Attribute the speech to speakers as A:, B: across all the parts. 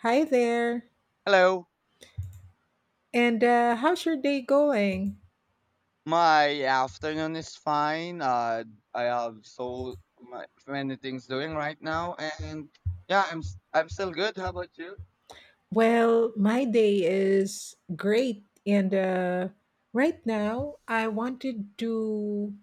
A: Hi there.
B: Hello,
A: And How's your day going?
B: my afternoon is fine. I have many things doing right now, and yeah, I'm still good. How about you?
A: Well, my day is great. And Right now, I wanted to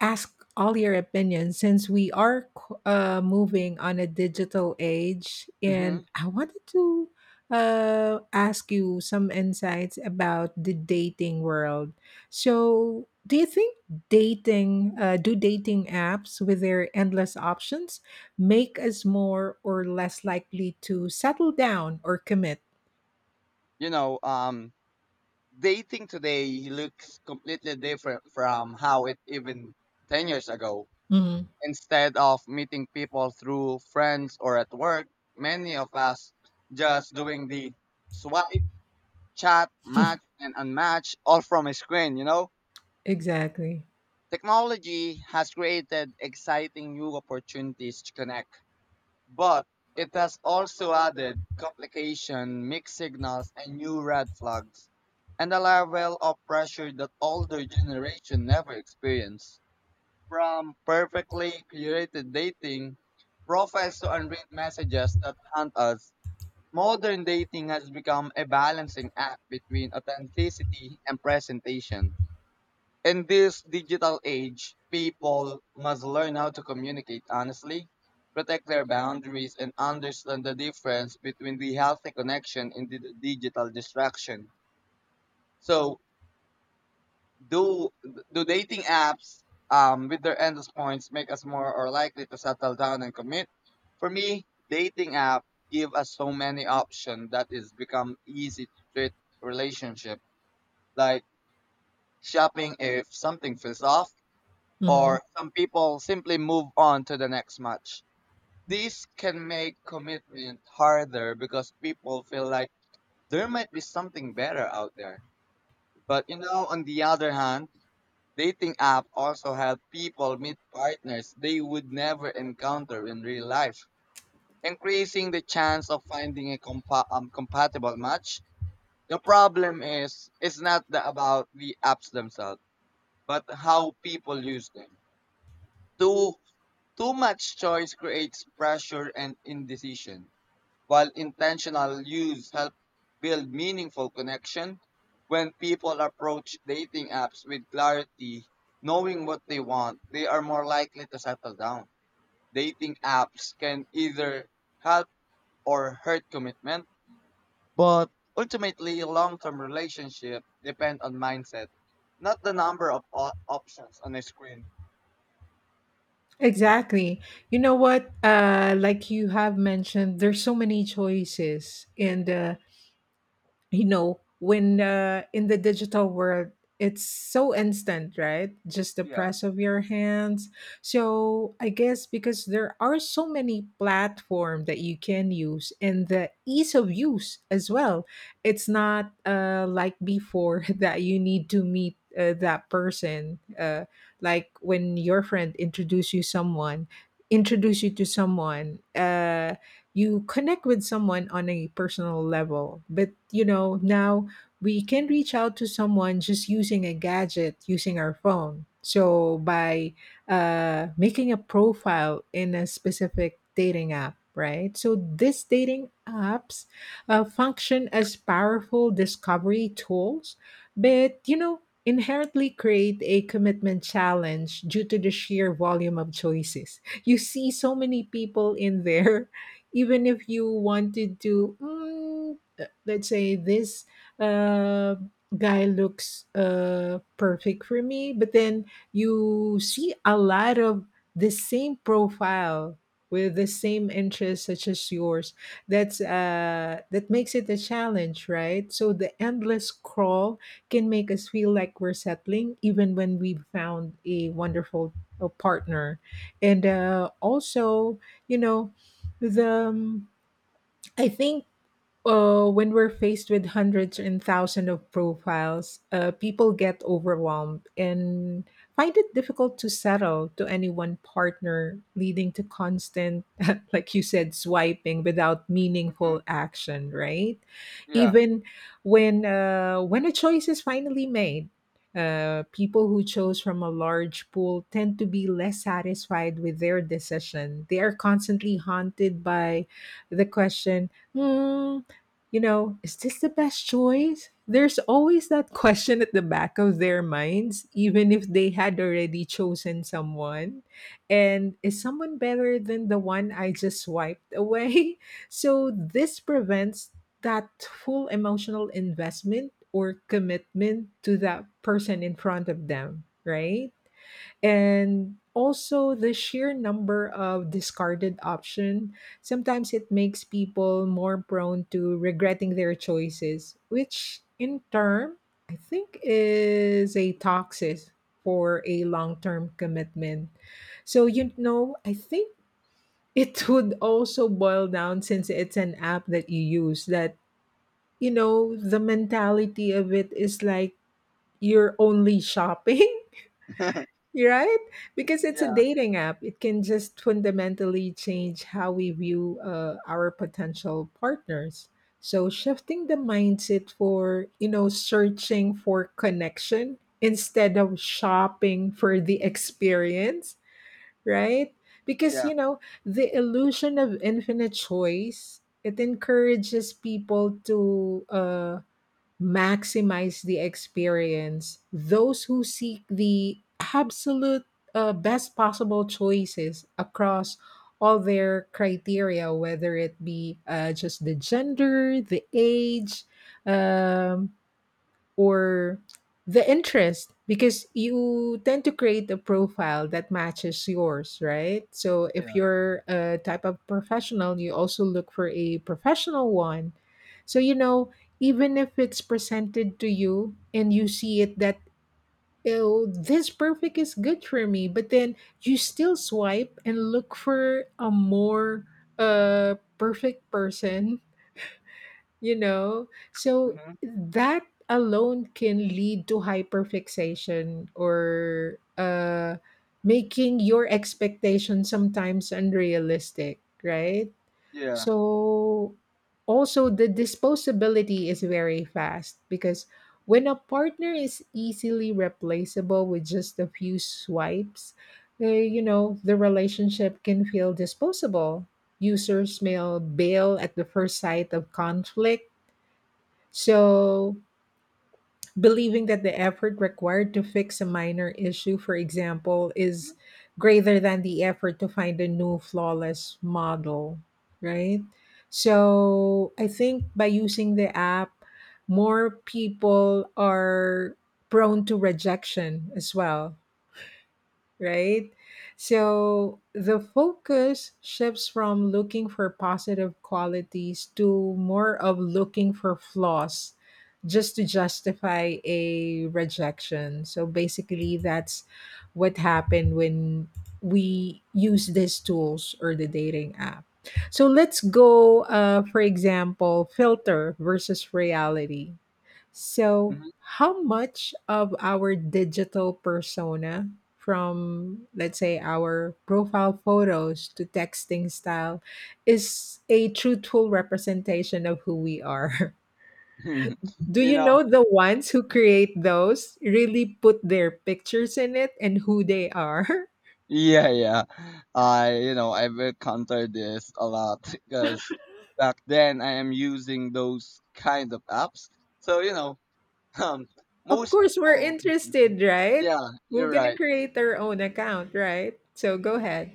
A: ask all your opinions since we are moving on a digital age.
B: hmm
A: And I wanted to ask you some insights about the dating world. So, do you think do dating apps with their endless options? Make us more or less likely to settle down or commit.
B: You know, dating today looks completely different from how it even 10 years ago.
A: Mhm.
B: Instead of meeting people through friends or at work, many of us just doing the swipe, chat, match, and unmatch all from a screen.
A: Exactly.
B: Technology has created exciting new opportunities to connect, but it has also added complication, mixed signals, and new red flags, and a level of pressure that older generation never experienced. From perfectly curated dating profiles to unread messages that haunt us, modern dating has become a balancing act between authenticity and presentation. In this digital age, people must learn how to communicate honestly, protect their boundaries, and understand the difference between the healthy connection and the digital distraction. So, do do dating apps with their endless points make us more or likely to settle down and commit? For me, dating app give us so many options that it's become easy to treat relationship like shopping if something feels off
A: Mhm.
B: or some people simply move on to the next match. This can make commitment harder because people feel like there might be something better out there. But you know, on the other hand, dating app also help people meet partners they would never encounter in real life, increasing the chance of finding a compatible match. The problem is it's not the, about the apps themselves, but how people use them. Too Too much choice creates pressure and indecision, while intentional use helps build meaningful connection. When people approach dating apps with clarity, knowing what they want, they are more likely to settle down. Dating apps can either help or hurt commitment, but ultimately long-term relationship depend on mindset, not the number of options on a screen.
A: Exactly. You know what? Like you have mentioned, there's so many choices, and you know when in the digital world it's so instant, right? Just the
B: Yeah.
A: press of your hands. So I guess because there are so many platform that you can use and the ease of use as well, it's not like before that you need to meet that person, like when your friend introduce you to someone, you connect with someone on a personal level. But you know, now we can reach out to someone just using a gadget, using our phone. So by making a profile in a specific dating app, right? So these dating apps function as powerful discovery tools, but you know, inherently create a commitment challenge due to the sheer volume of choices. You see so many people in there. Even if you wanted to let's say this uh, guy looks perfect for me, but then you see a lot of the same profile with the same interests such as yours. That's that makes it a challenge, right? So the endless crawl can make us feel like we're settling even when we have found a wonderful partner. And also, you know the I think when we're faced with hundreds and thousands of profiles, people get overwhelmed and find it difficult to settle to any one partner, leading to constant, like you said, swiping without
B: Mhm.
A: meaningful action. Right?
B: Yeah.
A: Even when a choice is finally made. People who chose from a large pool tend to be less satisfied with their decision. They are constantly haunted by the question, "Hmm, you know, is this the best choice?" There's always that question at the back of their minds, even if they had already chosen someone. And is someone better than the one I just swiped away? So this prevents that full emotional investment or commitment to that person in front of them, right? And also the sheer number of discarded option sometimes it makes people more prone to regretting their choices, which in turn I think is a toxic for a long-term commitment. So you know, I think it would also boil down, since it's an app that you use, that you know the mentality of it is like you're only shopping. Right? Because
B: yeah.
A: it's a
B: Yeah.
A: dating app, it can just fundamentally change how we view our potential partners. So shifting the mindset for, you know, searching for connection instead of shopping for the experience, right? Because,
B: Yeah.
A: you know, the illusion of infinite choice, it encourages people to maximize the experience. Those who seek the absolute best possible choices across all their criteria, whether it be just the gender, the age, um, or the interest, because you tend to create a profile that matches yours, right? So if you're a type of professional, you also look for a professional one. So you know, even if it's presented to you and you see it that, oh, this perfect is good for me, but then you still swipe and look for a more perfect person, you know. So
B: hmm
A: that alone can lead to hyperfixation or making your expectations sometimes unrealistic, right?
B: Yeah.
A: So also the disposability is very fast because when a partner is easily replaceable with just a few swipes, you know the relationship can feel disposable. Users may bail at the first sight of conflict, so believing that the effort required to fix a minor issue, for example, is greater than the effort to find a new flawless model, right? So, I think by using the app, more people are prone to rejection as well, right? So the focus shifts from looking for positive qualities to more of looking for flaws just to justify a rejection. So basically, that's what happened when we use these tools or the dating app. So let's go, for example, filter versus reality. So,
B: hmm
A: how much of our digital persona, from let's say our profile photos to texting style, is a truthful representation of who we are? Do
B: you
A: you know
B: know.
A: the ones who create those really put their pictures in it and who they are?
B: Yeah, yeah. You know, I've encountered this a lot because back then I am using those kind of apps. So you know, um,
A: Of
B: most
A: course, we're
B: people.
A: interested, right?
B: Yeah,
A: We're
B: you're
A: gonna
B: right.
A: create our own account, right? So go ahead.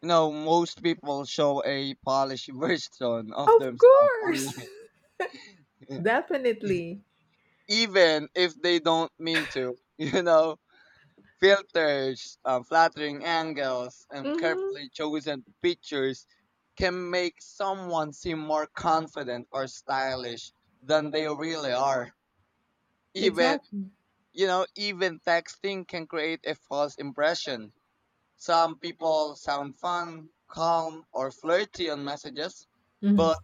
B: You know, most people show a polished version of
A: Of
B: themselves
A: course,
B: online,
A: definitely.
B: even if they don't mean to. You know. Filters, flattering angles, and
A: Mhm.
B: carefully chosen pictures can make someone seem more confident or stylish than they really are. Even,
A: Exactly.
B: you know, even texting can create a false impression. Some people sound fun, calm, or flirty on messages,
A: Hmm.
B: but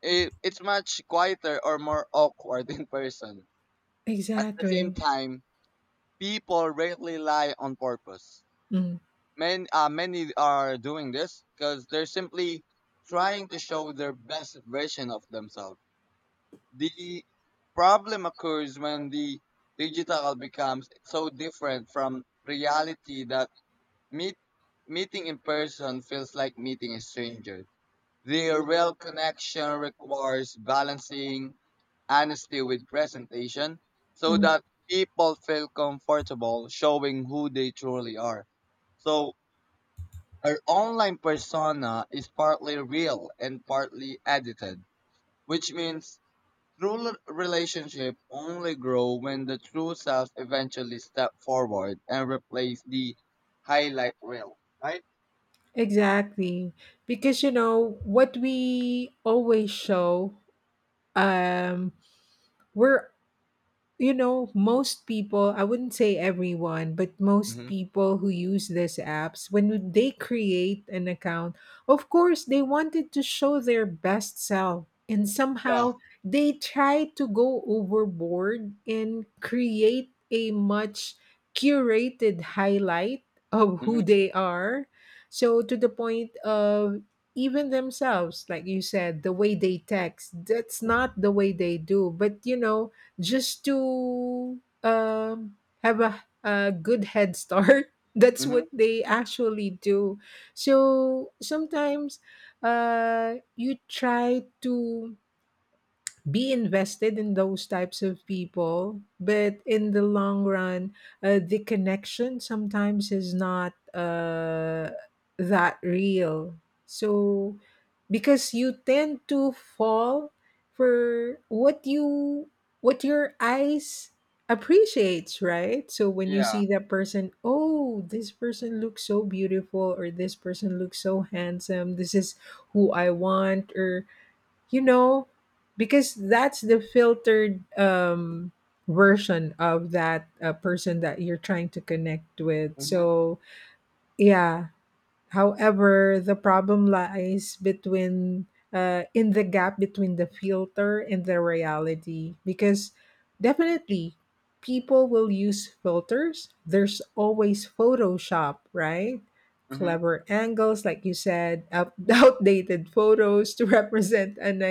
B: it's much quieter or more awkward in person. At the same
A: Exactly.
B: time, people rarely lie on purpose.
A: Hmm.
B: Many are doing this because they're simply trying to show their best version of themselves. The problem occurs when the digital becomes so different from reality that meet, meeting in person feels like meeting a stranger. The real connection requires balancing honesty with presentation so
A: Hmm.
B: that people feel comfortable showing who they truly are. So our online persona is partly real and partly edited, which means true relationships only grow when the true self eventually step forward and replace the highlight reel, right?
A: Exactly. Because you know what we always show um we're you know, most people, I wouldn't say everyone, but most
B: Mm-hmm.
A: people who use these apps, when they create an account, of course, they wanted to show their best self. And
B: Yeah.
A: somehow they try to go overboard and create a much curated highlight of who
B: Mm-hmm.
A: they are. So, to the point of even themselves, like you said, the way they text, that's not the way they do. But, you know, just to um, have a good head start. That's
B: Mm-hmm.
A: what they actually do. So sometimes you try to be invested in those types of people, but in the long run the connection sometimes is not that real. So because you tend to fall for what you what your eyes appreciates, right? So when you
B: Yeah.
A: see that person, oh, this person looks so beautiful or this person looks so handsome, this is who I want, or you know, because that's the filtered version of that person that you're trying to connect with,
B: Mm-hmm.
A: so yeah. However, the problem lies between in the gap between the filter and the reality, because definitely people will use filters, there's always Photoshop, right?
B: Mm-hmm.
A: Clever angles, like you said, out- outdated photos to represent an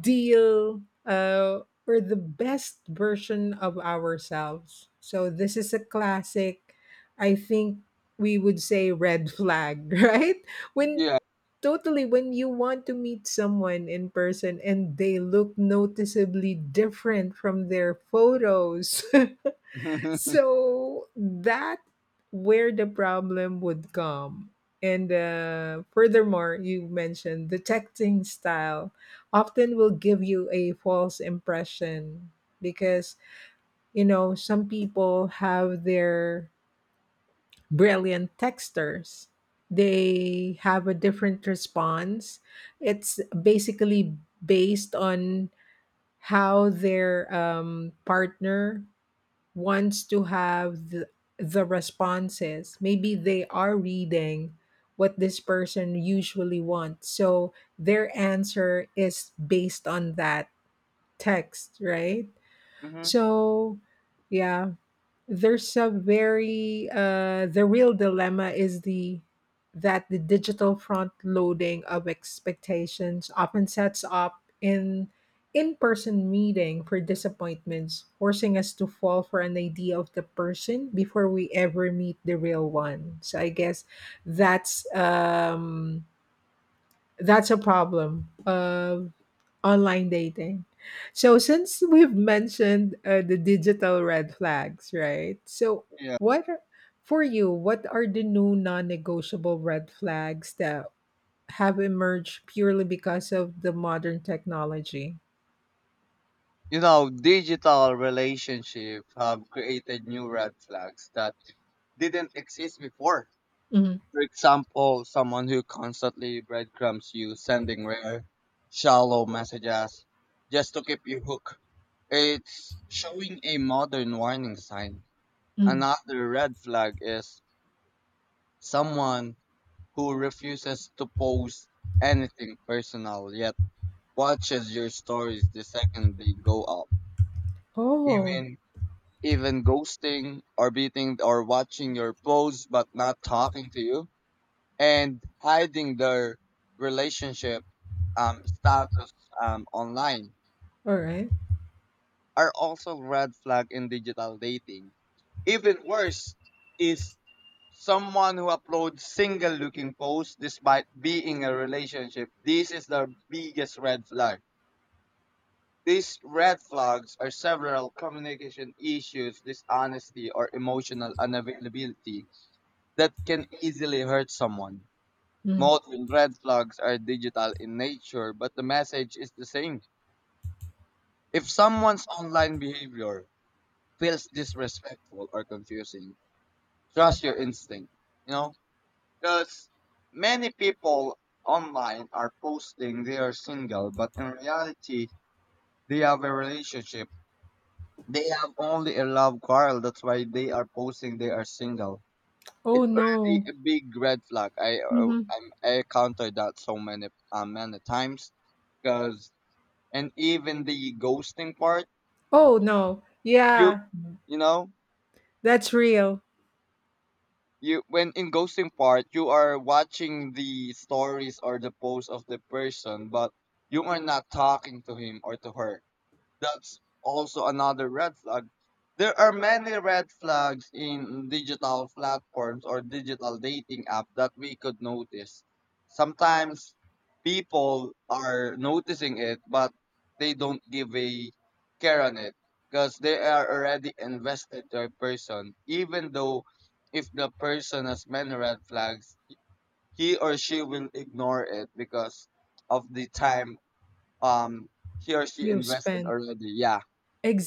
A: deal or the best version of ourselves. So this is a classic, I think we would say, red flag, right? When
B: Yeah.
A: totally when you want to meet someone in person and they look noticeably different from their photos.
B: mm-hmm.
A: So that where the problem would come. And furthermore, you mentioned the texting style often will give you a false impression because you know some people have their brilliant texters. They have a different response. It's basically based on how their partner wants to have the responses. Maybe they are reading what this person usually wants. So their answer is based on that text, right? So, yeah, there's a very the real dilemma is the that the digital front loading of expectations often sets up in in-person meeting for disappointments, forcing us to fall for an idea of the person before we ever meet the real one. So I guess that's um, that's a problem. Online dating. So since we've mentioned the digital red flags, right? So
B: Yeah.
A: what are, for you, what are the new non-negotiable red flags that have emerged purely because of the modern technology?
B: You know, digital relationship have created new red flags that didn't exist before.
A: Mhm.
B: For example, someone who constantly breadcrumbs you, sending rare, shallow messages just to keep you hooked. It's showing a modern warning sign.
A: Mm.
B: Another red flag is someone who refuses to post anything personal yet watches your stories the second they go up.
A: Oh, all
B: Even Even ghosting or beating or watching your posts but not talking to you and hiding their relationship status online
A: right.
B: are also red flag in digital dating. Even worse is someone who uploads single looking posts despite being a relationship. This is the biggest red flag. These red flags are several communication issues, dishonesty, or emotional unavailability that can easily hurt someone.
A: Mm.
B: Modern red flags are digital in nature, but the message is the same. If someone's online behavior feels disrespectful or confusing, trust your instinct. You know, because many people online are posting they are single, but in reality, they have a relationship. They have only a love quarrel. That's why they are posting they are single.
A: Oh
B: It's already
A: no.
B: a big red flag.
A: Mhm.
B: I encountered that so many many times because and even the ghosting part
A: Oh no.
B: you
A: Yeah,
B: you know
A: that's real.
B: you when in ghosting part you are watching the stories or the posts of the person but you are not talking to him or to her. That's also another red flag. There are many red flags in digital platforms or digital dating app that we could notice. Sometimes people are noticing it, but they don't give a care on it because they are already invested to a person. Even though if the person has many red flags, he or she will ignore it because of the time um he or she
A: You've
B: invested
A: spent.
B: already. Yeah.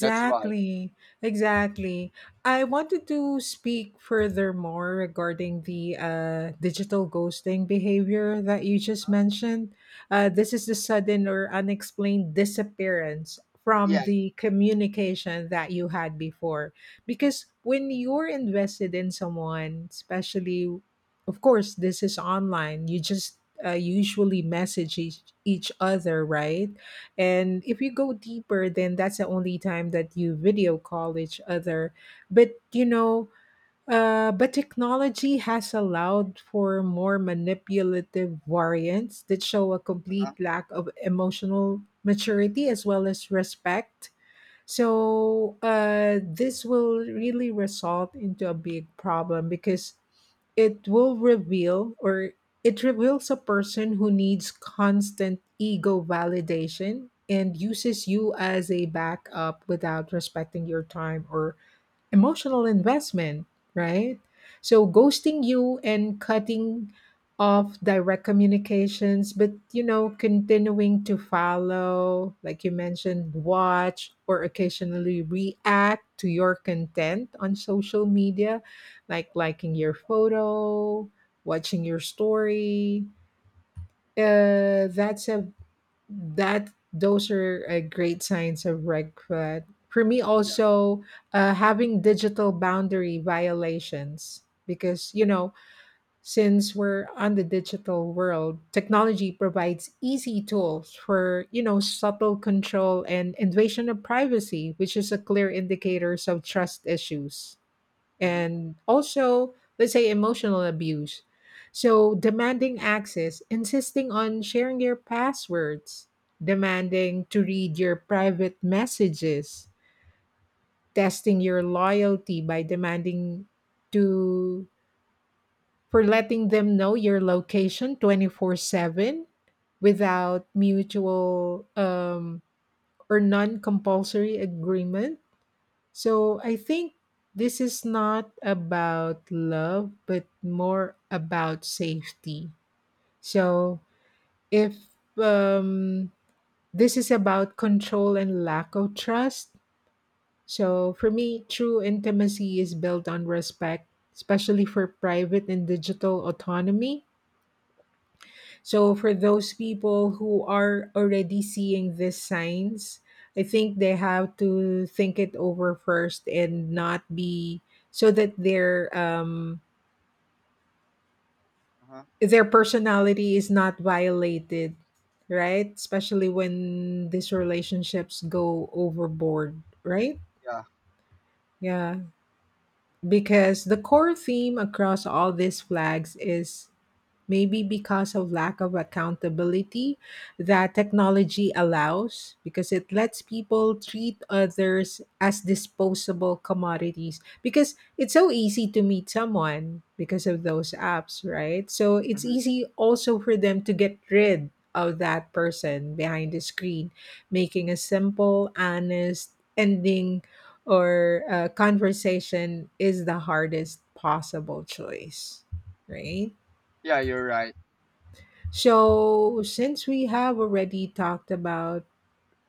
B: That's why.
A: exactly. I wanted to speak furthermore regarding the digital ghosting behavior that you just mentioned. This is the sudden or unexplained disappearance from
B: Yeah.
A: the communication that you had before. Because when you're invested in someone, especially, of course, this is online, you just usually message each other, right? And if you go deeper, then that's the only time that you video call each other. But you know, but technology has allowed for more manipulative variants that show a
B: Uh,
A: complete lack of emotional maturity as well as respect. So this will really result into a big problem because it will reveal or it reveals a person who needs constant ego validation and uses you as a backup without respecting your time or emotional investment, right? So ghosting you and cutting off direct communications, but you know, continuing to follow, like you mentioned, watch or occasionally react to your content on social media, like liking your photo, watching your story. Uh, that's a that those are great signs of red flag for me
B: yeah.
A: also, having digital boundary violations, because you know, since we're on the digital world, technology provides easy tools for you know, subtle control and invasion of privacy, which is a clear indicators of trust issues,
B: hmm
A: and also, let's say, emotional abuse. So demanding access, insisting on sharing your passwords, demanding to read your private messages, testing your loyalty by demanding to for letting them know your location 24/7 without mutual or non-compulsory agreement. So I think this is not about love, but more about safety. So if, um, this is about control and lack of trust. So for me, true intimacy is built on respect, especially for private and digital autonomy. So for those people who are already seeing these signs, I think they have to think it over first and not be, so that their
B: Uh-huh.
A: their personality is not violated, right? Especially when these relationships go overboard, right?
B: Yeah.
A: Yeah, because the core theme across all these flags is maybe because of lack of accountability that technology allows, because it lets people treat others as disposable commodities, because it's so easy to meet someone because of those apps, right? So it's
B: hmm
A: easy also for them to get rid of that person behind the screen. Making a simple honest ending or conversation is the hardest possible choice, right?
B: Yeah, you're right.
A: So, since we have already talked about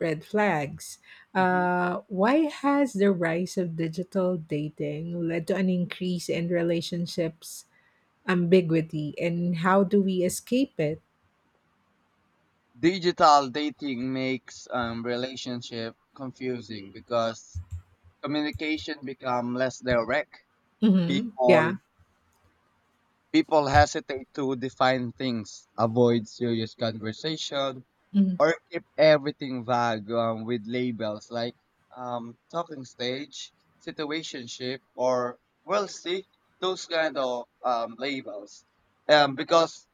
A: red flags,
B: hmm
A: why has the rise of digital dating led to an increase in relationships ambiguity, and how do we escape it?
B: Digital dating makes relationship confusing because communication become less direct.
A: Mm-hmm.
B: People
A: Yeah.
B: People hesitate to define things, avoid serious conversation, or keep everything vague with labels like talking stage, situationship, or well, see those kind of labels. Because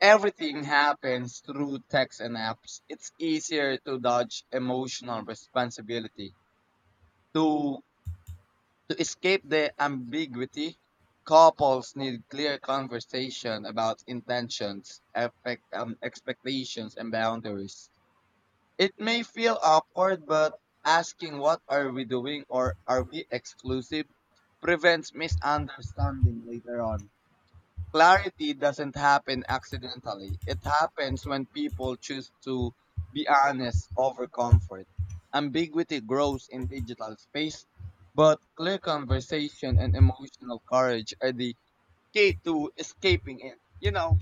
B: everything happens through text and apps, it's easier to dodge emotional responsibility. To to escape the ambiguity, couples need clear conversation about intentions, expectations, and boundaries. It may feel awkward, but asking what are we doing or are we exclusive prevents misunderstanding later on. Clarity doesn't happen accidentally. It happens when people choose to be honest over comfort. Ambiguity grows in digital space, but clear conversation and emotional courage are the key to escaping it. You know,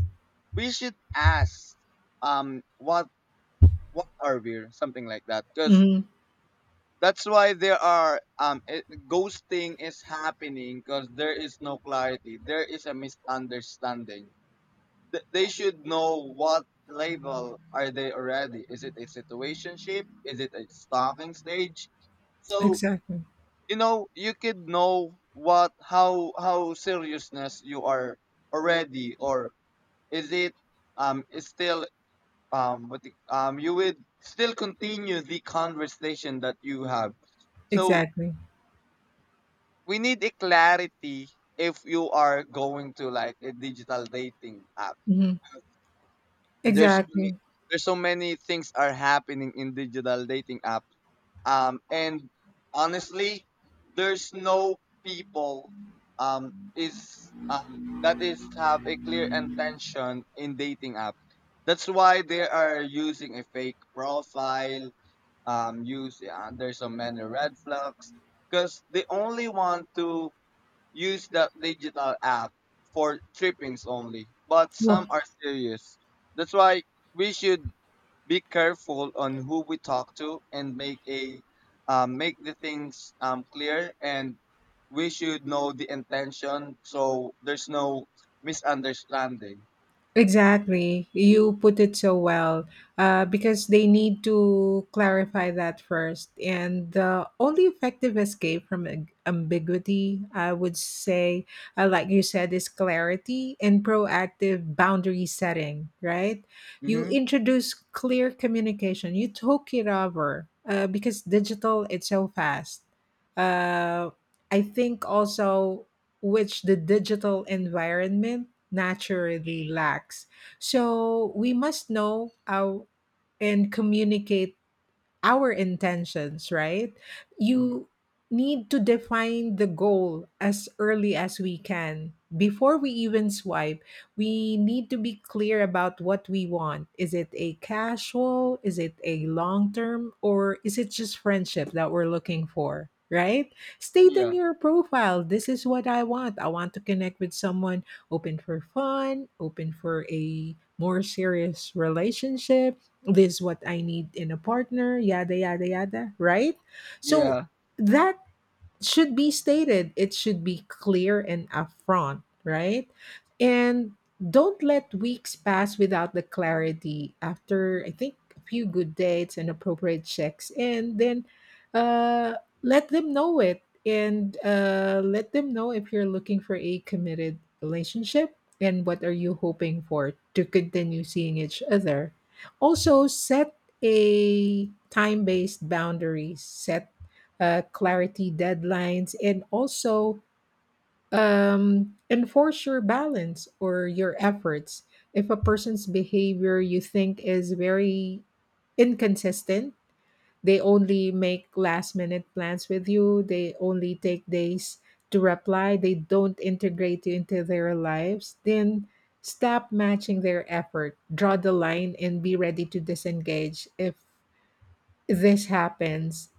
B: we should ask um what what are we something like that because
A: Mm-hmm.
B: that's why there are it, ghosting is happening because there is no clarity. There is a misunderstanding. They should know what level are they already. Is it a situationship? Is it a stalking stage? So
A: Exactly.
B: you know you could know what how seriousness you are already, or is it is still what you would still continue the conversation that you have. So
A: Exactly.
B: we need a clarity if you are going to like a digital dating app.
A: Mm-hmm.
B: There's so many,
A: Exactly.
B: there's so many things are happening in digital dating app. And honestly, there's no people is that is have a clear intention in dating app. That's why they are using a fake profile. Use There's so many red flags because they only want to use that digital app for trippings only, but some
A: Well,
B: are serious. That's why we should be careful on who we talk to and make a make the things clear and we should know the intention so there's no misunderstanding.
A: exactly. You put it so well, because they need to clarify that first. And the only effective escape from ambiguity, I would say, like you said, is clarity and proactive boundary setting, right? You
B: Mm-hmm.
A: introduce clear communication, you took it over, because digital, it's so fast. Uh, I think also, which the digital environment naturally lacks. So we must know how and communicate our intentions, right?
B: hmm
A: You need to define the goal as early as we can. Before we even swipe, we need to be clear about what we want. Is it a casual? Is it a long term? Or is it just friendship that we're looking for? Right? State in
B: Yeah.
A: your profile, this is what I want. I want to connect with someone open for fun, open for a more serious relationship, this is what I need in a partner, yada, yada, yada, right? So
B: Yeah.
A: that should be stated, it should be clear and upfront, right? And don't let weeks pass without the clarity after, I think, a few good dates and appropriate checks. And then uh, let them know it, and let them know if you're looking for a committed relationship and what are you hoping for to continue seeing each other. Also, set a time based boundaries, set clarity deadlines, and also, enforce your balance or your efforts. If a person's behavior you think is very inconsistent, they only make last minute plans with you, they only take days to reply, they don't integrate you into their lives, then stop matching their effort, draw the line, and be ready to disengage if this happens.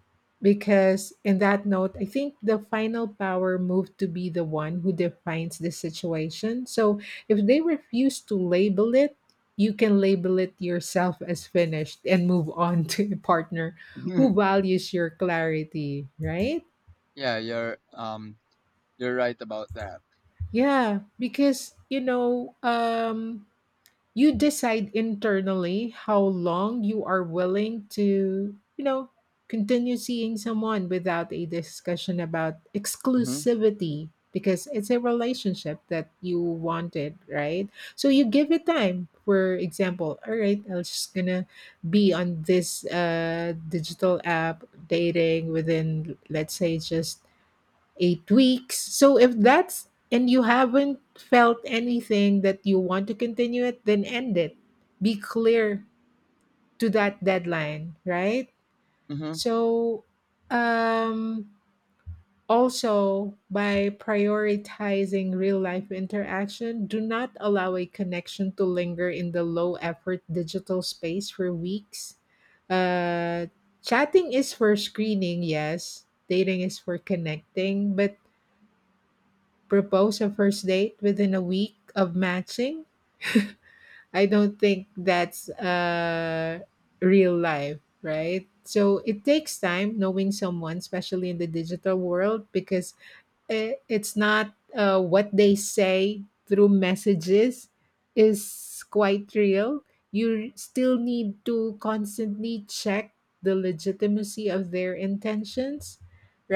A: Because in that note, I think the final power moved to be the one who defines the situation. So if they refuse to label it, you can label it yourself as finished and move on to a partner who values your clarity, right?
B: Yeah, you're right about that.
A: Yeah, because you know, you decide internally how long you are willing to, you know, continue seeing someone without a discussion about
B: Mm-hmm.
A: exclusivity, because it's a relationship that you wanted, right? So you give it time. For example, all right, I'm just gonna be on this digital app dating within, let's say, just 8 weeks. So if that's, and you haven't felt anything that you want to continue it, then end it. Be clear to that deadline, right?
B: Mm-hmm.
A: So, um also by prioritizing real life interaction, do not allow a connection to linger in the low effort digital space for weeks. Uh Chatting is for screening, yes. Dating is for connecting, but propose a first date within a week of matching. I don't think that's real life, right? So it takes time knowing someone, especially in the digital world, because I it's not what they say through messages is quite real. You still need to constantly check the legitimacy of their intentions,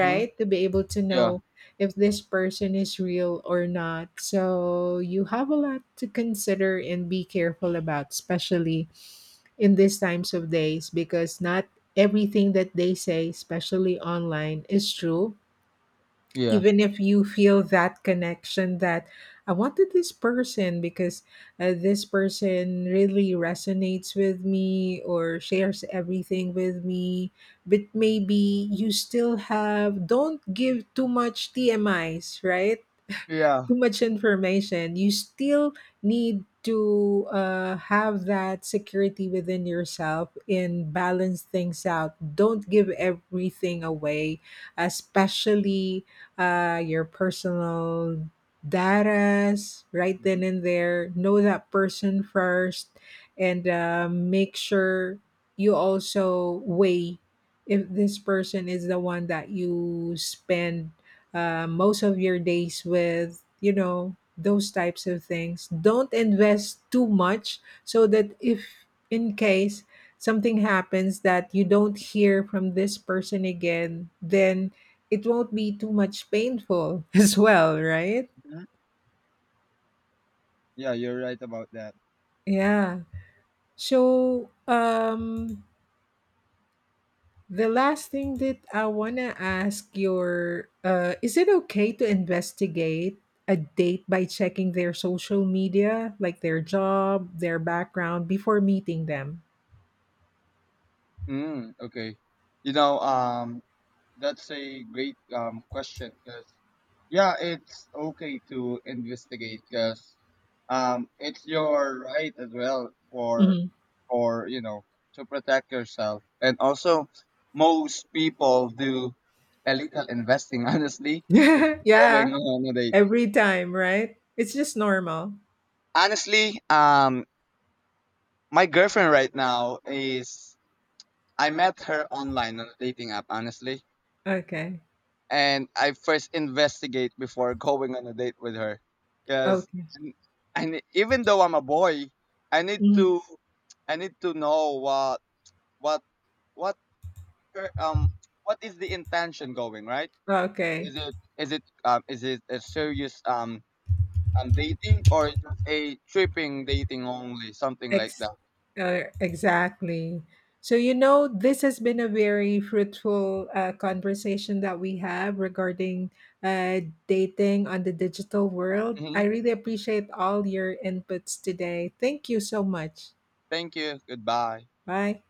B: hmm
A: To be able to
B: Yeah.
A: know if this person is real or not. So you have a lot to consider and be careful about, especially in these times of days, because not everything that they say, especially online, is true,
B: Yeah.
A: even if you feel that connection, that I wanted this person because, this person really resonates with me or shares everything with me. But maybe you still have, don't give too much TMIs, right?
B: Yeah.
A: Too much information, you still need to have that security within yourself and balance things out. Don't give everything away, especially your personal datas right
B: Mm-hmm.
A: then and there. Know that person first, and make sure you also weigh if this person is the one that you spend most of your days with. You know, those types of things. Don't invest too much, so that if, in case, something happens that you don't hear from this person again, then it won't be too much painful as well, right?
B: Mm-hmm. Yeah, you're right about that.
A: Yeah. So, the last thing that I want to ask your, is it okay to investigate a date by checking their social media, like their job, their background, before meeting them?
B: Okay. You know, that's a great question because yeah, it's okay to investigate because it's your right as well
A: Mhm.
B: for you know to protect yourself and also most people do a little investing honestly before
A: Yeah,
B: going on a date.
A: every time, right? It's just normal.
B: Honestly, my girlfriend right now is I met her online on a dating app honestly
A: Okay.
B: and I first investigate before going on a date with her. Because
A: Okay.
B: and even though I'm a boy, I need
A: Mhm.
B: to I need to know what what her- um what is the intention going right?
A: Okay.
B: Is it a serious dating or just a tripping dating only something like
A: Ex-
B: that?
A: exactly. So, you know, this has been a very fruitful conversation that we have regarding uh, dating on the digital world. I
B: hmm
A: really appreciate all your inputs today. Thank you so much.
B: Thank you. Goodbye.
A: Bye.